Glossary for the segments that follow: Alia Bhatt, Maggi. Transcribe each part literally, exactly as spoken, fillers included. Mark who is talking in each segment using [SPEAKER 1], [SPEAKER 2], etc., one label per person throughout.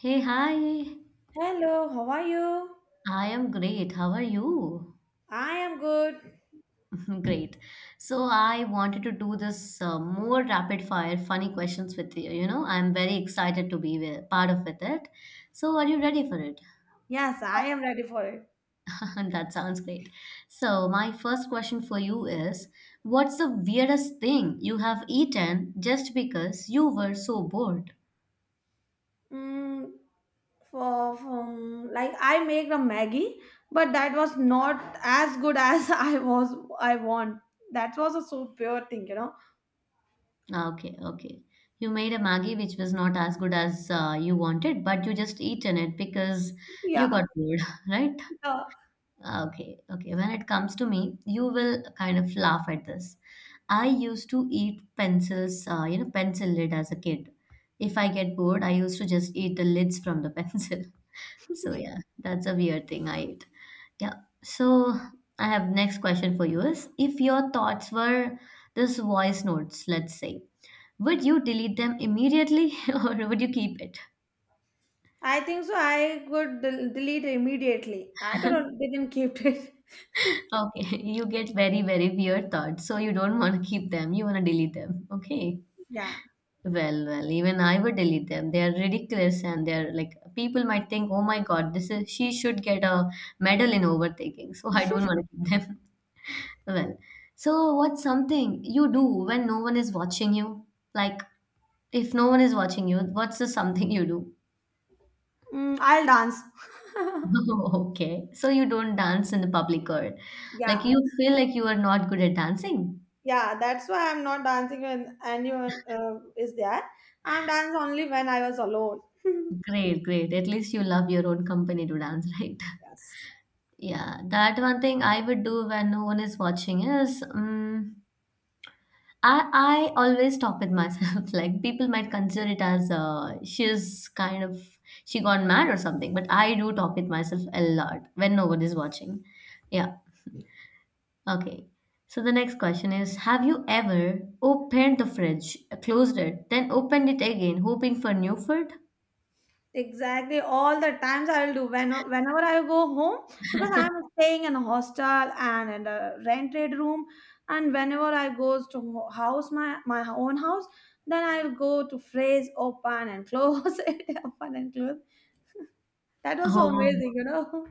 [SPEAKER 1] Hey, hi.
[SPEAKER 2] Hello, how are you?
[SPEAKER 1] I am great. How are you?
[SPEAKER 2] I am good.
[SPEAKER 1] Great. So I wanted to do this uh, more rapid fire funny questions with you. You know, I'm very excited to be with, part of with it. So are you ready for it?
[SPEAKER 2] Yes, I am ready for it.
[SPEAKER 1] That sounds great. So my first question for you is, what's the weirdest thing you have eaten just because you were so bored?
[SPEAKER 2] Mm, for, from like I make a Maggie, but that was not as good as I was I want. That was a so pure thing, you know.
[SPEAKER 1] Okay, okay. You made a Maggi which was not as good as uh, you wanted, but you just eaten it because you
[SPEAKER 2] Yeah,
[SPEAKER 1] got bored, right?
[SPEAKER 2] uh,
[SPEAKER 1] Okay, okay. When it comes to me, you will kind of laugh at this. I used to eat pencils, uh, you know, pencil lid as a kid. If I get bored, I used to just eat the lids from the pencil. So yeah, that's a weird thing I eat. Yeah. So I have next question for you is if your thoughts were this voice notes, let's say would you delete them immediately, or would you keep it?
[SPEAKER 2] I think so. I could del- delete immediately. I don't know. They didn't keep it.
[SPEAKER 1] Okay, you get very, very weird thoughts. So you don't want to keep them, you want to delete them. Okay.
[SPEAKER 2] Yeah,
[SPEAKER 1] Well, well, even I would delete them. They are ridiculous and they're like people might think, oh my God, this is she should get a medal in overthinking. So I don't want to keep them. Well, so what's something you do when no one is watching you? Like if no one is watching you, what's the something you do?
[SPEAKER 2] mm, I'll dance.
[SPEAKER 1] Okay. So you don't dance in the public or
[SPEAKER 2] yeah.
[SPEAKER 1] like you feel like you are not good at dancing?
[SPEAKER 2] Yeah, that's why I'm not dancing when anyone uh, is there. I'm dance only when I was alone.
[SPEAKER 1] Great, great. At least you love your own company to dance, right?
[SPEAKER 2] Yes.
[SPEAKER 1] Yeah, that one thing I would do when no one is watching is, um, I I always talk with myself. Like people might consider it as, uh, she's kind of she gone mad or something, but I do talk with myself a lot when no one is watching. Yeah. Okay. So the next question is, have you ever opened the fridge, closed it, then opened it again, hoping for new food?
[SPEAKER 2] Exactly, all the times I'll do when whenever I go home because I'm staying in a hostel and in a rented room, and whenever I goes to ho- house my my own house, then I'll go to phrase open and close it, open and close. That was so
[SPEAKER 1] Oh,
[SPEAKER 2] amazing, you know.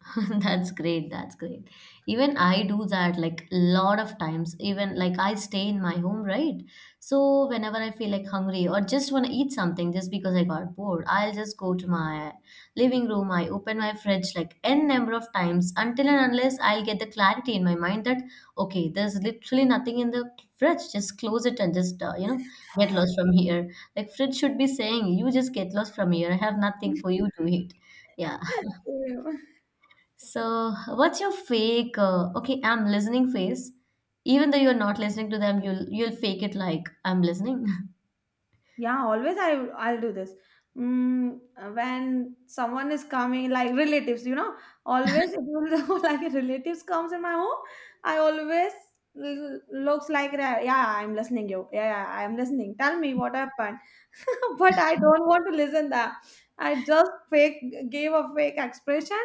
[SPEAKER 1] that's great. That's great. Even I do that like a lot of times. Even like I stay in my home, right? So whenever I feel like hungry or just want to eat something just because I got bored, I'll just go to my living room. I open my fridge like n number of times until and unless I'll get the clarity in my mind that okay, there's literally nothing in the fridge. Just close it and just, uh, you know, get lost from here. Like fridge should be saying, you just get lost from here. I have nothing for you to eat. Yeah,
[SPEAKER 2] Same.
[SPEAKER 1] so, what's your fake? Uh, okay, I'm listening face. Even though you're not listening to them, you'll you'll fake it like I'm listening.
[SPEAKER 2] Yeah, always I I'll do this. Mm, when someone is coming, like relatives, you know, always it will like relatives comes in my home. I always l- looks like that. Yeah, I'm listening you. Yeah, yeah, I'm listening. Tell me what happened. But I don't want to listen that. I just fake gave a fake expression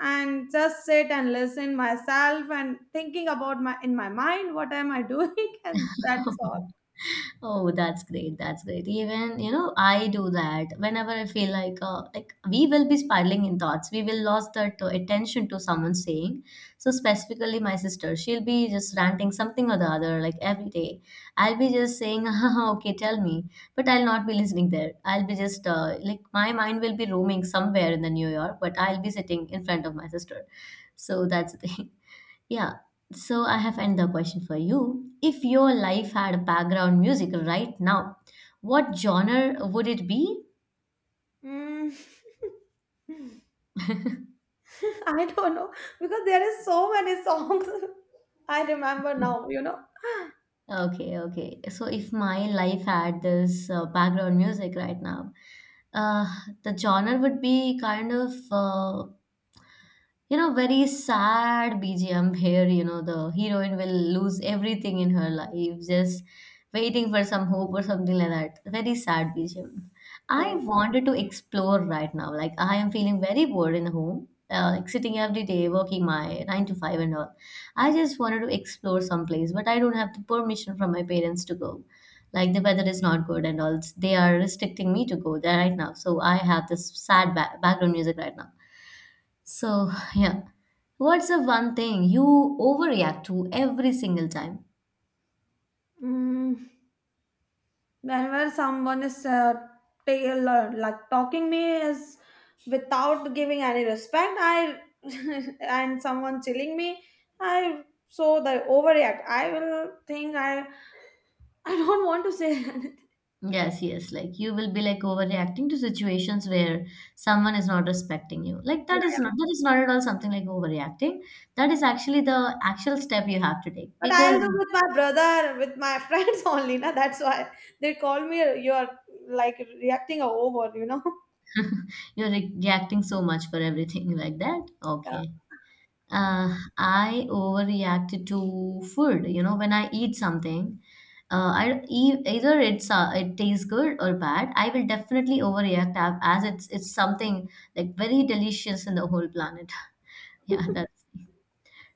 [SPEAKER 2] and just sit and listen myself and thinking about my in my mind what am I doing and that's all.
[SPEAKER 1] Oh, that's great. That's great. Even, you know, I do that whenever I feel like, uh, like we will be spiraling in thoughts. We will lost that, uh, attention to someone saying. So specifically my sister, she'll be just ranting something or the other like every day. I'll be just saying, "Okay, tell me." But I'll not be listening there. I'll be just, uh, like my mind will be roaming somewhere in the New York, but I'll be sitting in front of my sister. So that's the thing. Yeah, so I have another question for you. If your life had background music right now, what genre would it be?
[SPEAKER 2] Mm. I don't know because there is so many songs I remember now, you know.
[SPEAKER 1] Okay, okay. So if my life had this, uh, background music right now, uh, the genre would be kind of, uh, you know, very sad bgm here, you know, the heroine will lose everything in her life just waiting for some hope or something like that, very sad bgm I
[SPEAKER 2] Okay.
[SPEAKER 1] wanted to explore right now, like I am feeling very bored in the home, uh, like sitting every day working my nine to five and all. I just wanted to explore someplace, but I don't have the permission from my parents to go, like the weather is not good and all, they are restricting me to go there right now, so I have this sad ba- background music right now. So, yeah. What's the one thing you overreact to every single time?
[SPEAKER 2] Mm, whenever someone is uh, ta- uh, like talking me is without giving any respect, I and someone chilling me, I so they overreact. I will think I I don't want to say anything.
[SPEAKER 1] Yes, yes. Like you will be like overreacting to situations where someone is not respecting you. Like
[SPEAKER 2] Yeah,
[SPEAKER 1] that is
[SPEAKER 2] yeah.
[SPEAKER 1] not that is not at all something like overreacting. That is actually the actual step you have to take
[SPEAKER 2] But I'll
[SPEAKER 1] because
[SPEAKER 2] do with my brother, with my friends only. Na, that's why they call me. You are like reacting over, you know.
[SPEAKER 1] you're re- reacting so much for everything like that.
[SPEAKER 2] Yeah.
[SPEAKER 1] Okay. Uh, I overreacted to food. You know, when I eat something, uh, I e- either it's, uh, it tastes good or bad. I will definitely overreact a- as it's it's something like very delicious in the whole planet. Yeah, that's.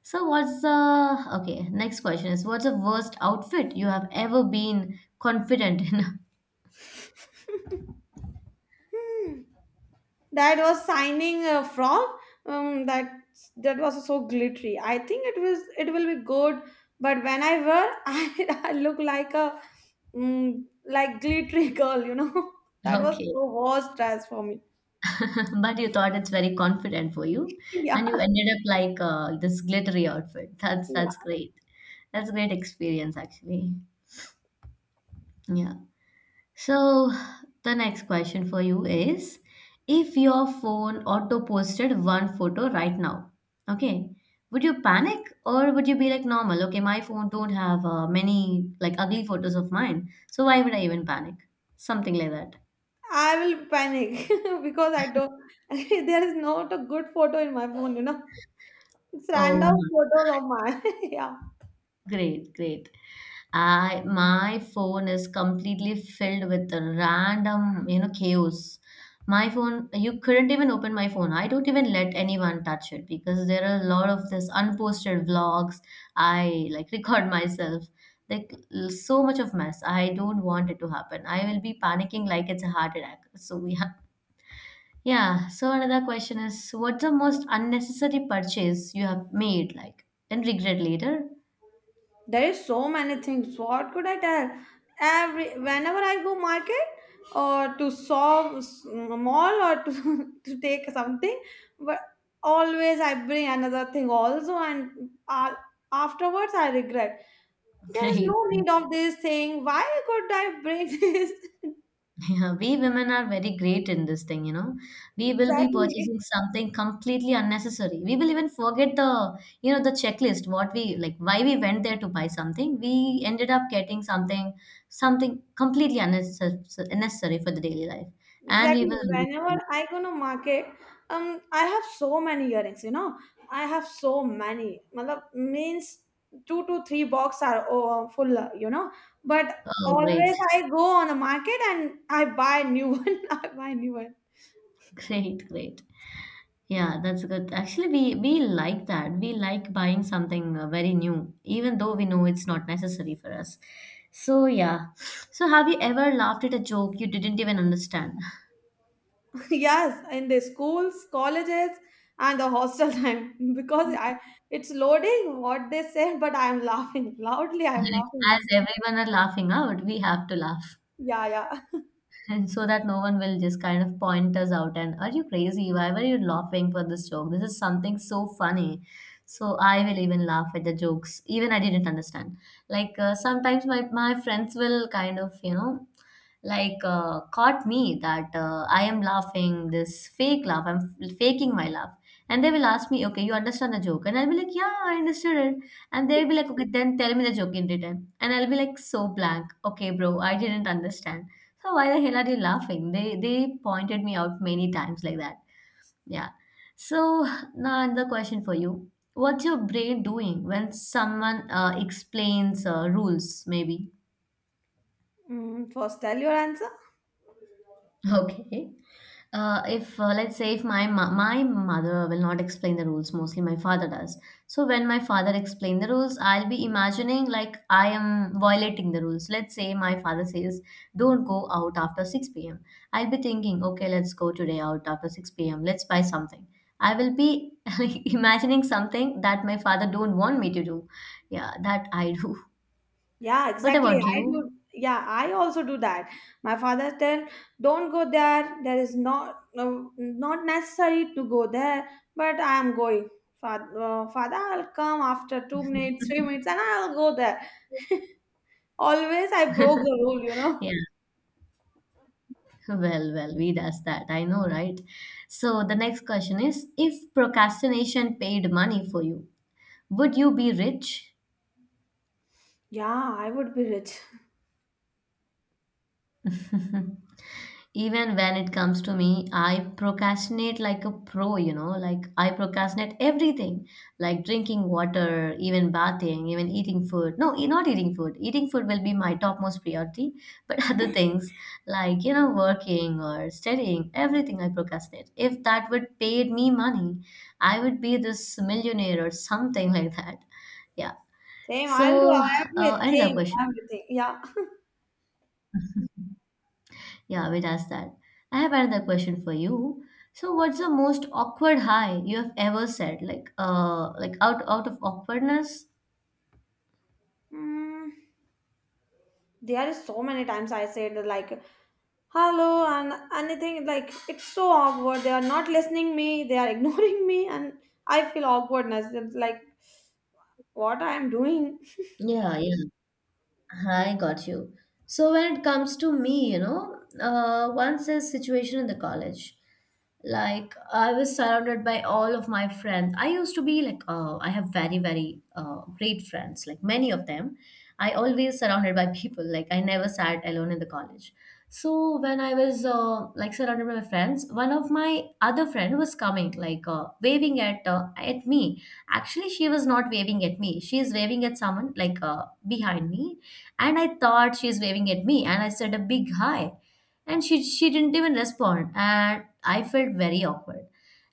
[SPEAKER 1] So what's the okay? Next question is, what's the worst outfit you have ever been confident in?
[SPEAKER 2] Hmm. That was signing uh, from um, that that was so glittery. I think it was it will be good, but when I wear, I, I look like a mm, like glittery girl. You know that was
[SPEAKER 1] Okay.
[SPEAKER 2] so worst dress for me.
[SPEAKER 1] But you thought it's very confident for you,
[SPEAKER 2] Yeah,
[SPEAKER 1] and you ended up like, uh, this glittery outfit. That's that's
[SPEAKER 2] yeah.
[SPEAKER 1] great. That's a great experience, actually. Yeah. So the next question for you is, if your phone auto posted one photo right now, okay, would you panic or would you be like normal? Okay, my phone don't have, uh, many like ugly photos of mine, so why would I even panic? Something like that.
[SPEAKER 2] I will panic because I don't. There is not a good photo in my phone. You know, it's
[SPEAKER 1] Oh,
[SPEAKER 2] random photos of mine. yeah.
[SPEAKER 1] great, great. I my phone is completely filled with random, you know, chaos. My phone, you couldn't even open my phone. I don't even let anyone touch it because there are a lot of this unposted vlogs. I like record myself. Like l- so much of mess. I don't want it to happen. I will be panicking like it's a heart attack. So we have yeah. So another question is, what's the most unnecessary purchase you have made, like, and regret later?
[SPEAKER 2] There is so many things, what could I tell? Every whenever I go market or to shop s- mall or to, to take something, but always I bring another thing also, and uh, afterwards I regret, there is
[SPEAKER 1] Great.
[SPEAKER 2] no need of this thing, why could I bring this.
[SPEAKER 1] Yeah, we women are very great in this thing, you know. We will be
[SPEAKER 2] Exactly
[SPEAKER 1] purchasing something completely unnecessary. We will even forget the, you know, the checklist, what we like, why we went there to buy something. We ended up getting something, something completely unnecessary, unnecessary for the daily life. And we
[SPEAKER 2] Exactly.
[SPEAKER 1] will regret
[SPEAKER 2] Whenever
[SPEAKER 1] it.
[SPEAKER 2] I go to market, um, I have so many earrings. You know, I have so many. Matlab, means two to three box are oh, um, full. You know, but
[SPEAKER 1] Oh, great,
[SPEAKER 2] always I go on the market and I buy new one. I buy new one.
[SPEAKER 1] great, great. Yeah, that's good. Actually, we we like that. We like buying something, uh, very new, even though we know it's not necessary for us. So yeah. So have you ever laughed at a joke you didn't even understand?
[SPEAKER 2] Yes, in the schools, colleges, and the hostel time because I it's loading what they say, but I'm laughing loudly. I'm
[SPEAKER 1] Like, as
[SPEAKER 2] laughing.
[SPEAKER 1] everyone are laughing out, we have to laugh.
[SPEAKER 2] Yeah, yeah.
[SPEAKER 1] And so that no one will just kind of point us out and are you crazy? Why were you laughing for this joke? This is something so funny. So I will even laugh at the jokes, even I didn't understand. Like, uh, sometimes my, my friends will kind of, you know, like, uh, caught me that, uh, I am laughing this fake laugh. I'm f- faking my laugh, and they will ask me, "Okay, you understand the joke?" And I'll be like, "Yeah, I understood it." And they'll be like, "Okay, then tell me the joke in return." And I'll be like, so blank. Okay, bro, I didn't understand. So why the hell are you laughing? They they pointed me out many times like that. Yeah. So now another question for you. What's your brain doing when someone, uh, explains, uh, rules? Maybe.
[SPEAKER 2] Mm, first, tell your answer.
[SPEAKER 1] Okay. Uh, if, uh, let's say if my mo- my mother will not explain the rules, mostly my father does. So when my father explain the rules, I'll be imagining like I am violating the rules. Let's say my father says, "Don't go out after six p m" I'll be thinking, "Okay, let's go today out after six p m. Let's buy something." I will be like, imagining something that my father don't want me to do. Yeah, that I do.
[SPEAKER 2] Yeah,
[SPEAKER 1] What
[SPEAKER 2] exactly.
[SPEAKER 1] about
[SPEAKER 2] I do.
[SPEAKER 1] you?
[SPEAKER 2] Yeah, I also do that. My father tell, don't go there. There is not no, not necessary to go there, but I am going. Father, uh, father, I'll come after two minutes, three minutes, and I'll go there. Always, I broke the rule, you
[SPEAKER 1] Yeah.
[SPEAKER 2] know.
[SPEAKER 1] Well, well, we does that. I know, right? So the next question is, if procrastination paid money for you, would you be rich?
[SPEAKER 2] Yeah, I would be rich.
[SPEAKER 1] Even when it comes to me, I procrastinate like a pro, you know, like I procrastinate everything, like drinking water, even bathing, even eating food. No, e- not eating food. Eating food will be my topmost priority, but other things like, you know, working or studying, everything I procrastinate. If that would paid me money, I would be this millionaire or something like that. Yeah.
[SPEAKER 2] Same, I'll do
[SPEAKER 1] So, uh, another
[SPEAKER 2] everything,
[SPEAKER 1] question.
[SPEAKER 2] everything. Yeah.
[SPEAKER 1] Yeah, we'd ask that. I have another question for you. So, what's the most awkward hi you have ever said? Like, uh, like out out of awkwardness?
[SPEAKER 2] Mm. There is so many times I said like hello and anything, like it's so awkward, they are not listening me, they are ignoring me, and I feel awkwardness, it's like what I am doing.
[SPEAKER 1] Yeah, yeah, I got you. So when it comes to me, you know, uh, once a situation in the college. Like I was surrounded by all of my friends. I used to be like, uh, I have very very uh, great friends, like many of them. I always surrounded by people. Like, I never sat alone in the college. So when I was uh, like surrounded by my friends, one of my other friend was coming, like, uh, waving at uh, at me. Actually, she was not waving at me, she is waving at someone like uh, behind me. And I thought she is waving at me, and I said a big hi. And she she didn't even respond. And I felt very awkward.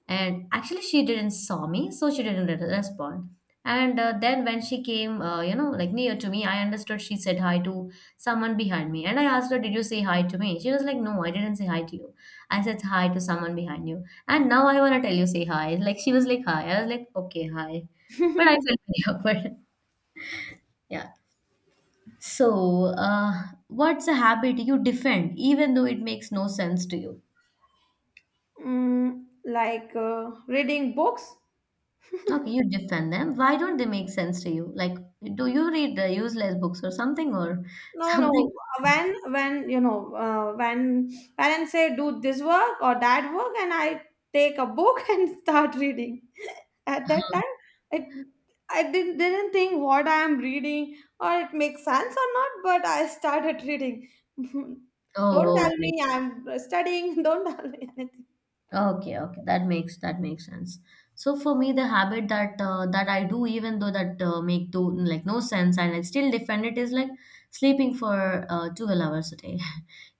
[SPEAKER 1] And actually, she didn't saw me, so she didn't re- respond. And uh, then when she came, uh, you know, like near to me, I understood she said hi to someone behind me. And I asked her, did you say hi to me? She was like, no, I didn't say hi to you. I said hi to someone behind you. And now I want to tell you, say hi. Like, she was like, hi. I was like, okay, hi. But I felt very awkward. Yeah. So, uh, what's a habit you defend even though it makes no sense to you?
[SPEAKER 2] Mm, like uh, reading books.
[SPEAKER 1] Okay, you defend them. Why don't they make sense to you? Like, do you read the useless books or something or
[SPEAKER 2] No, no.
[SPEAKER 1] something?
[SPEAKER 2] When when you know uh, when parents say do this work or that work, and I take a book and start reading. At that time, it I didn't didn't think what I am reading or it makes sense or not, but I started reading. Don't
[SPEAKER 1] Oh, oh,
[SPEAKER 2] tell
[SPEAKER 1] great.
[SPEAKER 2] me I'm studying. Don't tell me anything.
[SPEAKER 1] Okay, okay, that makes that makes sense. So for me, the habit that uh, that I do, even though that uh, make do like no sense, and I still defend it, is like sleeping for uh, twelve hours a day.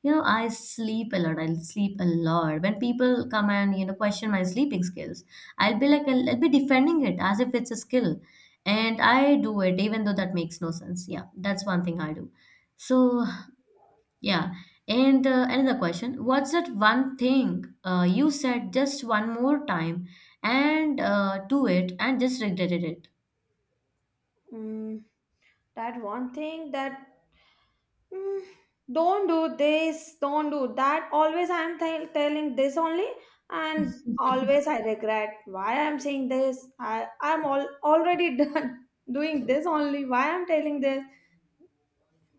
[SPEAKER 1] You know, I sleep a lot. I sleep a lot. When people come and, you know, question my sleeping skills, I'll be like I'll, I'll be defending it as if it's a skill, and I do it even though that makes no sense. Yeah, that's one thing I do. So yeah. And uh, another question, what's that one thing uh, you said just one more time and uh, do it and just regretted it?
[SPEAKER 2] Mm, that one thing that "Mm, don't do this, don't do that. Always I'm tell telling this only, and always I regret why I'm saying this. I I'm all already done doing this only. Why I'm telling this?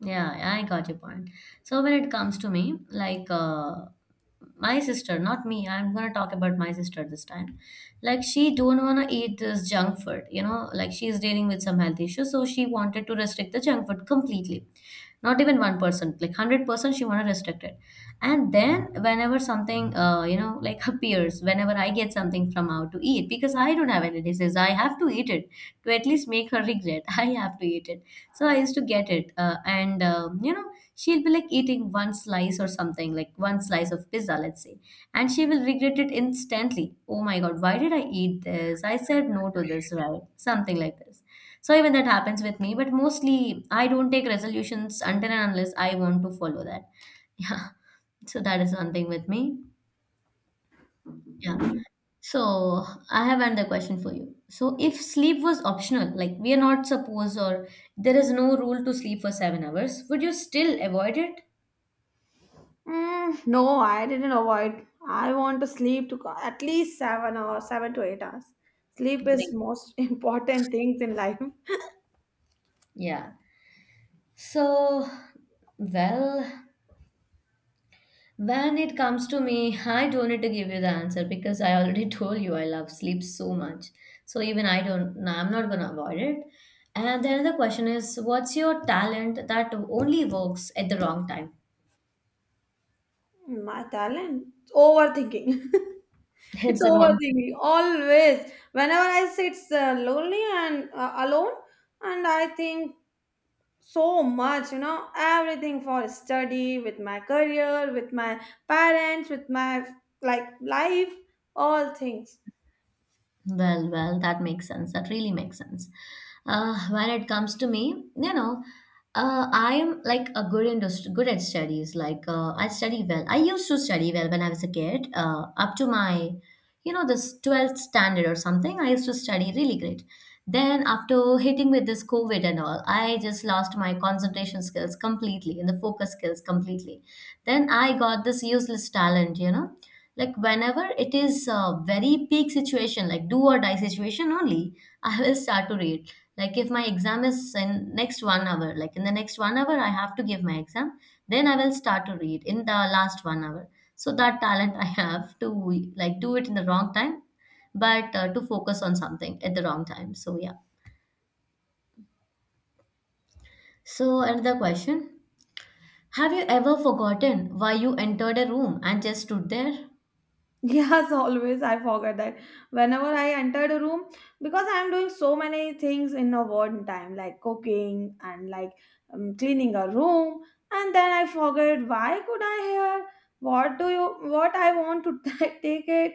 [SPEAKER 1] Yeah, I got your point. So when it comes to me, like, uh, my sister, not me. I'm gonna talk about my sister this time. Like, she don't wanna eat this junk food, you know. Like, she's dealing with some health issues, so she wanted to restrict the junk food completely. Not even one percent, like one hundred percent, she wanna restrict it. And then whenever something, uh, you know like appears, whenever I get something from out to eat, because I don't have any disease, I have to eat it. To at least make her regret, I have to eat it. So I used to get it, uh, and, um, you know, she'll be like eating one slice or something, like one slice of pizza, let's say. And she will regret it instantly. Oh my god, why did I eat this? I said no to this, right? Something like this. So even that happens with me, but mostly I don't take resolutions until and unless I want to follow that. Yeah. So that is one thing with me. Yeah. So I have another question for you. So if sleep was optional, like we are not supposed, or there is no rule to sleep for seven hours, would you still avoid it?
[SPEAKER 2] Mm, no, I didn't avoid. I want to sleep to co- at least seven or seven to eight hours. Sleep is
[SPEAKER 1] Great.
[SPEAKER 2] most important things in life.
[SPEAKER 1] Yeah. So, well, when it comes to me, I don't need to give you the answer, because I already told you I love sleep so much. So even I don't, no, I'm not gonna avoid it. And then the question is, what's your talent that only works at the wrong time?
[SPEAKER 2] My talent? Overthinking. It's
[SPEAKER 1] It's a wrong.
[SPEAKER 2] overthinking. Always. Whenever I sit uh, lonely and uh, alone, and I think so much, you know, everything for study, with my career, with my parents, with my like life, all things.
[SPEAKER 1] Well, well, that makes sense. That really makes sense. Uh, when it comes to me, you know, uh, I am like a good industry, good at studies. Like, uh, I study well. I used to study well when I was a kid, uh, up to my, you know, this twelfth standard or something. I used to study really great. Then after hitting with this COVID and all, I just lost my concentration skills completely and the focus skills completely. Then I got this useless talent, you know, like whenever it is a very peak situation, like do or die situation only, I will start to read. Like, if my exam is in next one hour, like in the next one hour I have to give my exam, then I will start to read in the last one hour. So that talent I have to, like, do it in the wrong time. But uh, to focus on something at the wrong time. So yeah. So another question, have you ever forgotten why you entered a room and just stood there?
[SPEAKER 2] Yes, always. I forget that. Whenever I entered a room, because I'm doing so many things in a one time, like cooking and like um, cleaning a room, and then I forget why could I hear what do you what I want to take it.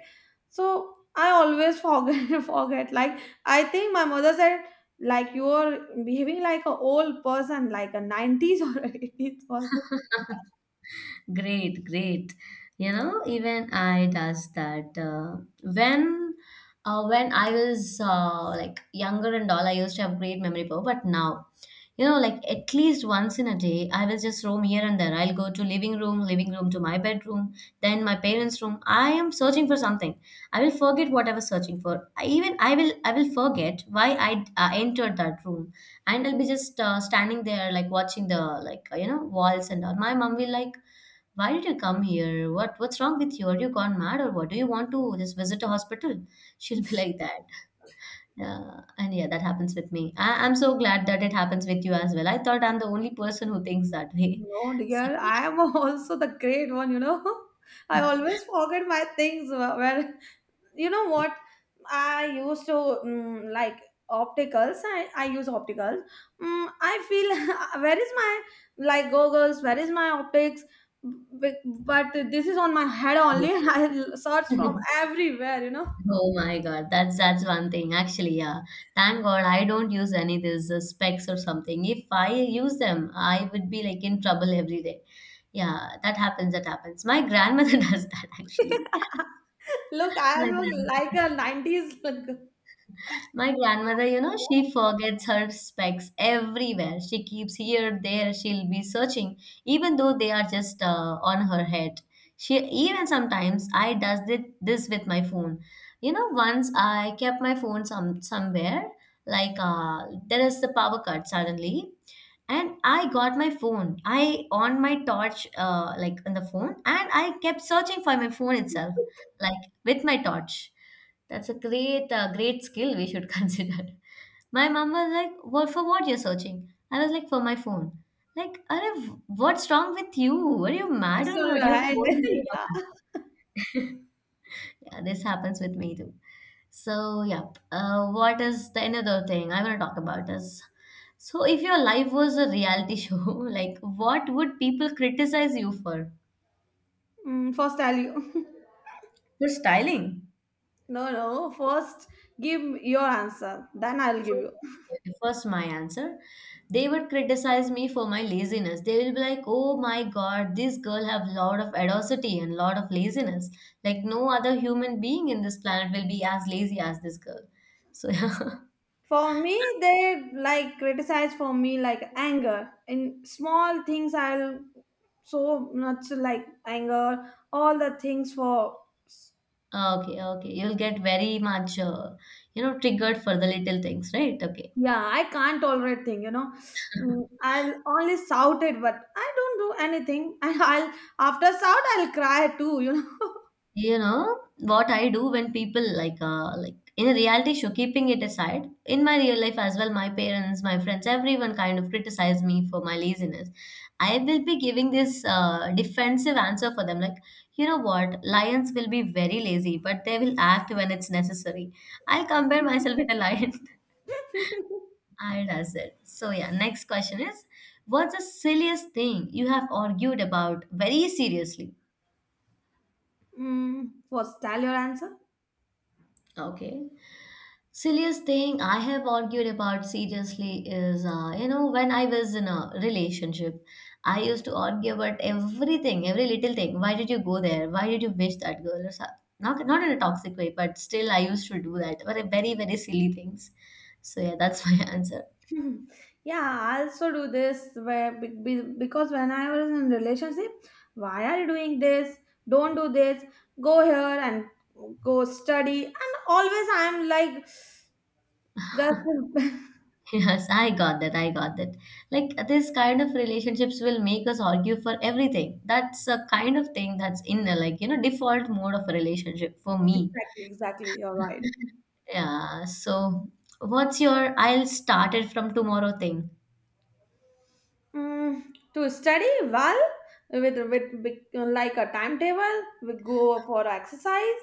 [SPEAKER 2] So I always forget forget. Like I think my mother said, like you're behaving like a old person, like a nineties or eighties person.
[SPEAKER 1] Great, great. You know, even I does that. Uh, when, uh, when I was uh, like younger and all, I used to have great memory power. But now, you know, like at least once in a day, I will just roam here and there. I'll go to living room, living room to my bedroom, then my parents' room. I am searching for something. I will forget what I was searching for. I, even I will, I will forget why I uh, entered that room, and I'll be just uh, standing there like watching the like, uh, you know walls and all. My mom will like, why did you come here? What what's wrong with you? Are you gone mad or what? Do you want to just visit a hospital? She'll be like that. Uh, and yeah, that happens with me. I, I'm so glad that it happens with you as well. I thought I'm the only person who thinks that way.
[SPEAKER 2] No, dear, I am also the great one, you know. I always forget my things. wh- Where you know what? I used to mm, like opticals. I, I use opticals. Mm, I feel where is my like goggles? Where is my optics? B- But this is on my head only. I search
[SPEAKER 1] So,
[SPEAKER 2] from everywhere, you know.
[SPEAKER 1] oh my God, that's that's one thing. Actually, yeah. Thank God I don't use any of these uh, specs or something. If I use them, I would be like in trouble every day. Yeah, that happens. That happens. My grandmother does that actually.
[SPEAKER 2] Look, I
[SPEAKER 1] My
[SPEAKER 2] look like
[SPEAKER 1] grandmother.
[SPEAKER 2] a nineties look.
[SPEAKER 1] My grandmother, you know, she forgets her specs everywhere. She keeps here, there, she'll be searching, even though they are just uh, on her head. She even sometimes I does thi- this with my phone. You know, once I kept my phone some somewhere, like, uh, there is the power cut suddenly, and I got my phone, I on my torch, uh, like in the phone, and I kept searching for my phone itself, like with my torch. That's a great uh, great skill we should consider. My mom was like, well, for what you're searching? I was like, for my phone. Like, "Arey, what's wrong with you? Are you mad
[SPEAKER 2] It's
[SPEAKER 1] or
[SPEAKER 2] on
[SPEAKER 1] what?
[SPEAKER 2] your
[SPEAKER 1] Your
[SPEAKER 2] head.
[SPEAKER 1] phone is in
[SPEAKER 2] Yeah.
[SPEAKER 1] your" yeah, this happens with me too. So, yeah. Uh, what is the another thing I want to talk about is, so if your life was a reality show, like what would people criticize you for?
[SPEAKER 2] Mm, first, I'll you.
[SPEAKER 1] For styling.
[SPEAKER 2] No, no. First, give your answer. Then I'll give
[SPEAKER 1] First,
[SPEAKER 2] you.
[SPEAKER 1] okay, first my answer. They would criticize me for my laziness. They will be like, "Oh my God, this girl have lot of audacity and lot of laziness. Like no other human being in this planet will be as lazy as this girl." So yeah.
[SPEAKER 2] For me, they like criticize for me like anger in small things. I'll so much like anger. All the things for
[SPEAKER 1] Ah, okay, okay. You'll get very much, uh, you know, triggered for the little things, right? Okay.
[SPEAKER 2] yeah. I can't tolerate thing. You know, Mm, I'll only shout it, but I don't do anything. And I'll after shout, I'll cry too. You know.
[SPEAKER 1] You know what I do when people like, uh, like in a reality show, keeping it aside, in my real life as well, my parents, my friends, everyone kind of criticize me for my laziness. I will be giving this uh, defensive answer for them, like, you know what, lions will be very lazy, but they will act when it's necessary. I'll compare myself with a lion. I does it. So yeah, next question is, what's the silliest thing you have argued about very seriously?
[SPEAKER 2] mm, first, tell your answer.
[SPEAKER 1] Okay. Silliest thing I have argued about seriously is, uh, you know, when I was in a relationship, I used to argue about everything, every little thing. Why did you go there? Why did you wish that girl? Or so- not, not in a toxic way, but still I used to do that. Very, very, very silly things. So yeah, that's my answer.
[SPEAKER 2] Mhm. Yeah, I also do this, where be- be- because when I was in relationship, why are you doing this, don't do this, go here and go study, and always I'm like, that's
[SPEAKER 1] Yes, I got that. I got that. Like, this kind of relationships will make us argue for everything. That's a kind of thing that's in the, like, you know, default mode of a relationship for me.
[SPEAKER 2] exactly, exactly, you're right.
[SPEAKER 1] Yeah. So what's your I'll start it from tomorrow thing?
[SPEAKER 2] Mm, to study well, with, with with, like a timetable we go for exercise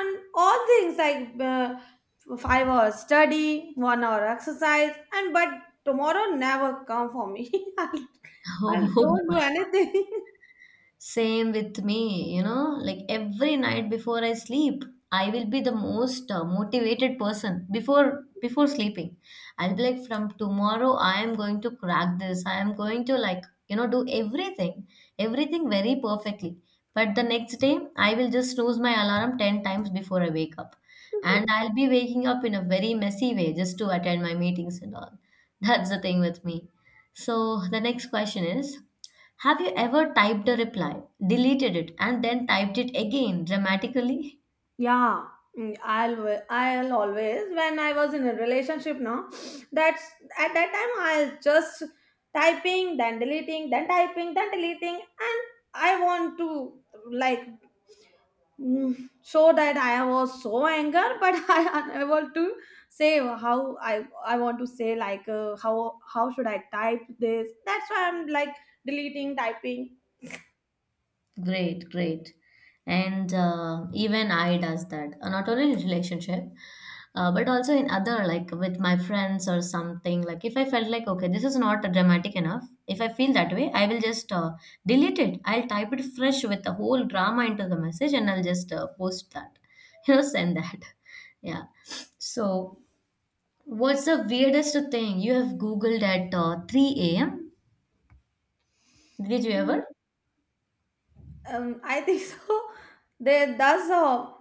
[SPEAKER 2] and all things like uh, five hours study, one hour exercise, and but tomorrow never come for me. i i
[SPEAKER 1] Oh,
[SPEAKER 2] don't do anything.
[SPEAKER 1] same with me, you know, like every night before I sleep, I will be the most uh, motivated person before before sleeping. I'll be like, from tomorrow I am going to crack this. I am going to, like, you know, do everything, everything very perfectly. But the next day, I will just snooze my alarm ten times before I wake up. And I'll be waking up in a very messy way just to attend my meetings and all. That's the thing with me. So the next question is, have you ever typed a reply, deleted it, and then typed it again dramatically?
[SPEAKER 2] Yeah, mm, I'll wa- I'll always when I was in a relationship now, that's at that time I'll just typing, then deleting, then typing, then deleting, and I want to like mm, show that I was so anger, but I unable to say how I I want to say, like uh, how how should I type this, that's why I'm like deleting typing.
[SPEAKER 1] Great, great. And uh, even I does that. Uh, Not only in relationship, uh, but also in other like with my friends or something. Like if I felt like okay, this is not dramatic enough. If I feel that way, I will just uh, delete it. I'll type it fresh with the whole drama into the message, and I'll just uh, post that. You know, send that. Yeah. So what's the weirdest thing you have Googled at uh, three a m? Did you
[SPEAKER 2] Mm.
[SPEAKER 1] ever?
[SPEAKER 2] Um, I think so. There, does a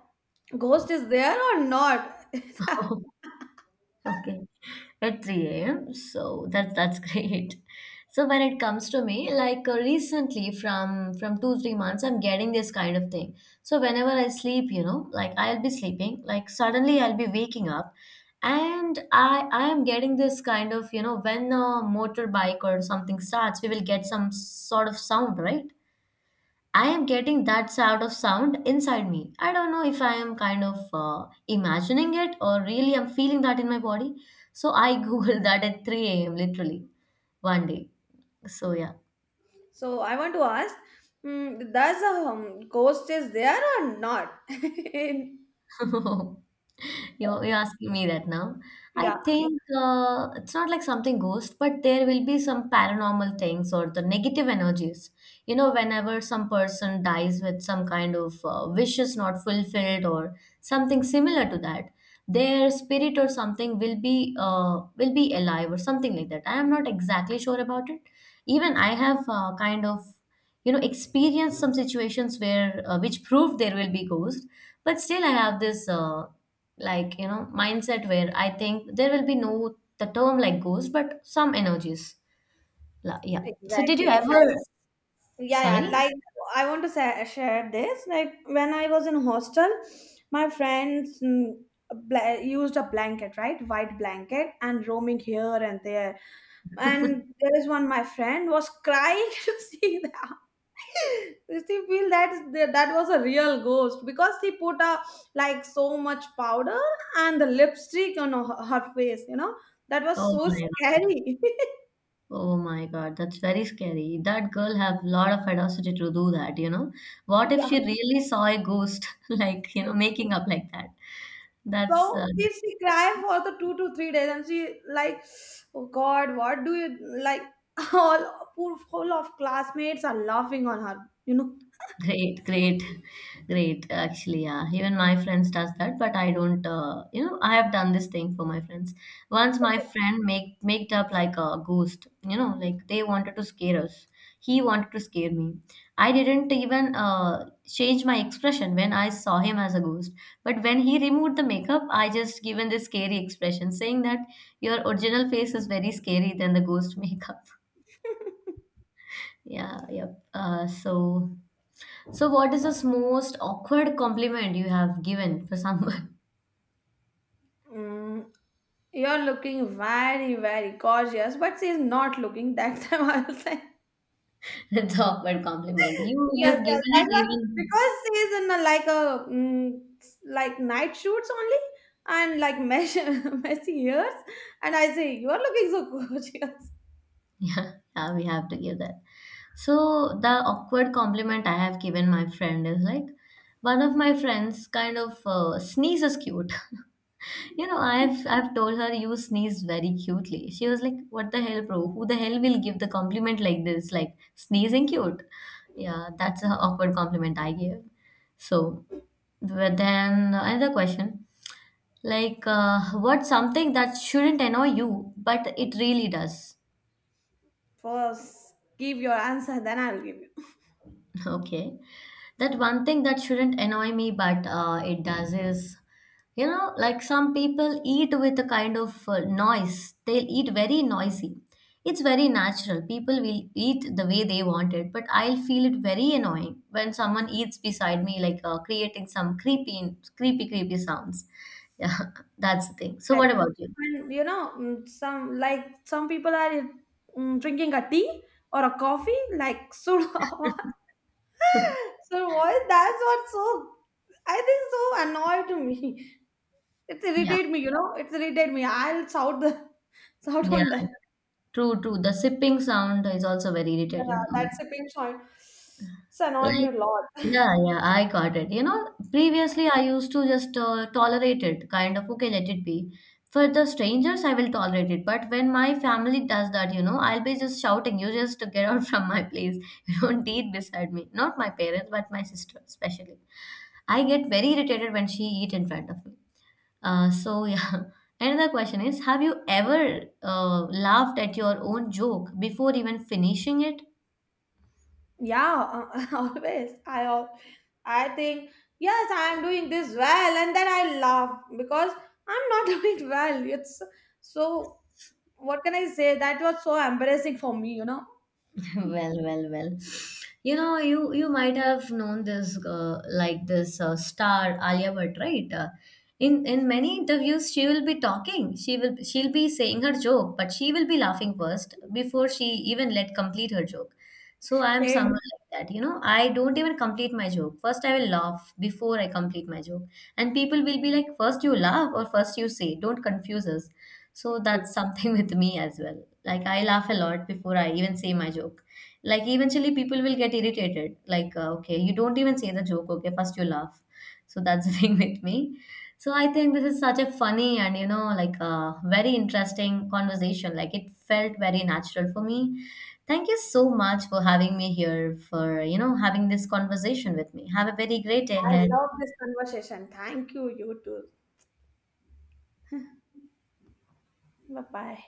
[SPEAKER 2] ghost is there or not?
[SPEAKER 1] Oh, okay. At three a m. So that's that's great. So when it comes to me, like uh, recently from from two three months, I'm getting this kind of thing. So whenever I sleep, you know, like I'll be sleeping, like suddenly I'll be waking up, and I I am getting this kind of, you know, when a motorbike or something starts, we will get some sort of sound, right? I am getting that sort of sound inside me. I don't know if I am kind of uh, imagining it or really I'm feeling that in my body. So I googled that at three a m literally one day. So yeah.
[SPEAKER 2] So I want to ask, mm, does a um, ghost is there or not? In-
[SPEAKER 1] You you asking me that now? I
[SPEAKER 2] yeah,
[SPEAKER 1] think uh, it's not like something ghost, but there will be some paranormal things or the negative energies. You know, whenever some person dies with some kind of uh, wishes not fulfilled or something similar to that, their spirit or something will be uh, will be alive or something like that. I am not exactly sure about it. Even I have uh, kind of, you know, experienced some situations where uh, which proved there will be ghost, but still I have this uh, like, you know, mindset where I think there will be no the term like ghost, but some energies. La- yeah, so did you
[SPEAKER 2] exactly. Like,
[SPEAKER 1] ever,
[SPEAKER 2] yeah, yeah.
[SPEAKER 1] sorry.
[SPEAKER 2] Like I want to say, share this. Like when I was in hostel, my friends mm, bla- used a blanket, right, white blanket, and roaming here and there. And there is one my friend was crying to see that. She feel that that that was a real ghost, because she put a like so much powder and the lipstick on her, her face you know that was
[SPEAKER 1] Oh
[SPEAKER 2] so
[SPEAKER 1] my god,
[SPEAKER 2] scary.
[SPEAKER 1] oh my god, that's very scary. That girl have a lot of audacity to do that, you know. What if
[SPEAKER 2] Yeah,
[SPEAKER 1] she really saw a ghost like, you know, making up like that? That's
[SPEAKER 2] so
[SPEAKER 1] uh,
[SPEAKER 2] she, she cried for the two to three days, and she like, oh god, what do you like all poor whole of classmates are laughing on her you know
[SPEAKER 1] great, great, great. Actually, yeah, even my friends does that, but I don't. Uh, you know, I have done this thing for my friends. Once my friend make made up like a ghost. You know, like they wanted to scare us. He wanted to scare me. I didn't even uh, change my expression when I saw him as a ghost. But when he removed the makeup, I just given this scary expression, saying that your original face is very scary than the ghost makeup. Yeah, yep. Uh, so. So, what is the most awkward compliment you have given for someone?
[SPEAKER 2] mm, you're looking very very gorgeous, but she's not looking that time. I was like.
[SPEAKER 1] That's awkward compliment. You you
[SPEAKER 2] Yes,
[SPEAKER 1] have given
[SPEAKER 2] yes. I
[SPEAKER 1] it
[SPEAKER 2] thought
[SPEAKER 1] even.
[SPEAKER 2] because he's in a, like a mm, like night shoots only, and like mesh, messy ears, and I say you are looking so gorgeous.
[SPEAKER 1] Yeah, yeah, we have to give that. So the awkward compliment I have given my friend is like one of my friends kind of uh, sneezes cute. You know, I've I've told her you sneezed very cutely. She was like, "What the hell, bro? Who the hell will give the compliment like this? Like sneezing cute." Yeah, that's an awkward compliment I gave. So, but then another question, like, uh, what's something that shouldn't annoy you, but it really does?
[SPEAKER 2] First, give your answer, then I'll give you.
[SPEAKER 1] Okay. That one thing that shouldn't annoy me, but uh, it does is, you know, like some people eat with a kind of uh, noise. They'll eat very noisy. It's very natural. People will eat the way they want it, but I'll feel it very annoying when someone eats beside me, like uh, creating some creepy, creepy, creepy sounds. Yeah, that's the thing. So, what
[SPEAKER 2] Exactly.
[SPEAKER 1] about you?
[SPEAKER 2] And you know, mm, some like some people are mm, drinking a tea or a coffee, like Surawa. So why that's what's so I think so annoyed to me. It's
[SPEAKER 1] Yeah,
[SPEAKER 2] irritate me, you know. It's irritate me. I'll shout the shout
[SPEAKER 1] yeah,
[SPEAKER 2] on that.
[SPEAKER 1] yeah, true, true. The sipping sound is also very
[SPEAKER 2] Yeah,
[SPEAKER 1] irritating to me.
[SPEAKER 2] that sipping sound. It's annoying me
[SPEAKER 1] Like,
[SPEAKER 2] a lot.
[SPEAKER 1] yeah, yeah, I got it. You know, previously I used to just uh, tolerate it, kind of, okay, let it be. For the strangers, I will tolerate it. But when my family does that, you know, I'll be just shouting, you just get out from my place. You don't eat beside me. Not my parents, but my sister, especially. I get very irritated when she eat in front of me. Uh, so yeah. Another question is, have you ever uh, laughed at your own joke before even finishing it?
[SPEAKER 2] Yeah, uh, always. I al- I think yes, I am doing this well, and then I laugh because I'm not doing well. It's so. What can I say? That was so embarrassing for me, you know.
[SPEAKER 1] Well, well, well, you know, you you might have known this uh, like this uh, star Alia Bhatt, right? Uh, in in many interviews she will be talking, she will she'll be saying her joke, but she will be laughing first before she even let complete her joke. So I am
[SPEAKER 2] Same.
[SPEAKER 1] someone like that, you know. I don't even complete my joke first. I will laugh before I complete my joke, and people will be like, first you laugh or first you say, don't confuse us. So that's something with me as well. Like I laugh a lot before I even say my joke. Like eventually people will get irritated, like uh, okay, you don't even say the joke, okay, first you laugh. So that's the thing with me. So I think this is such a funny and, you know, like a very interesting conversation. Like it felt very natural for me. Thank you so much for having me here for, you know, having this conversation with me. Have a very great day
[SPEAKER 2] I
[SPEAKER 1] ahead.
[SPEAKER 2] love this conversation. Thank you. You too. Bye bye.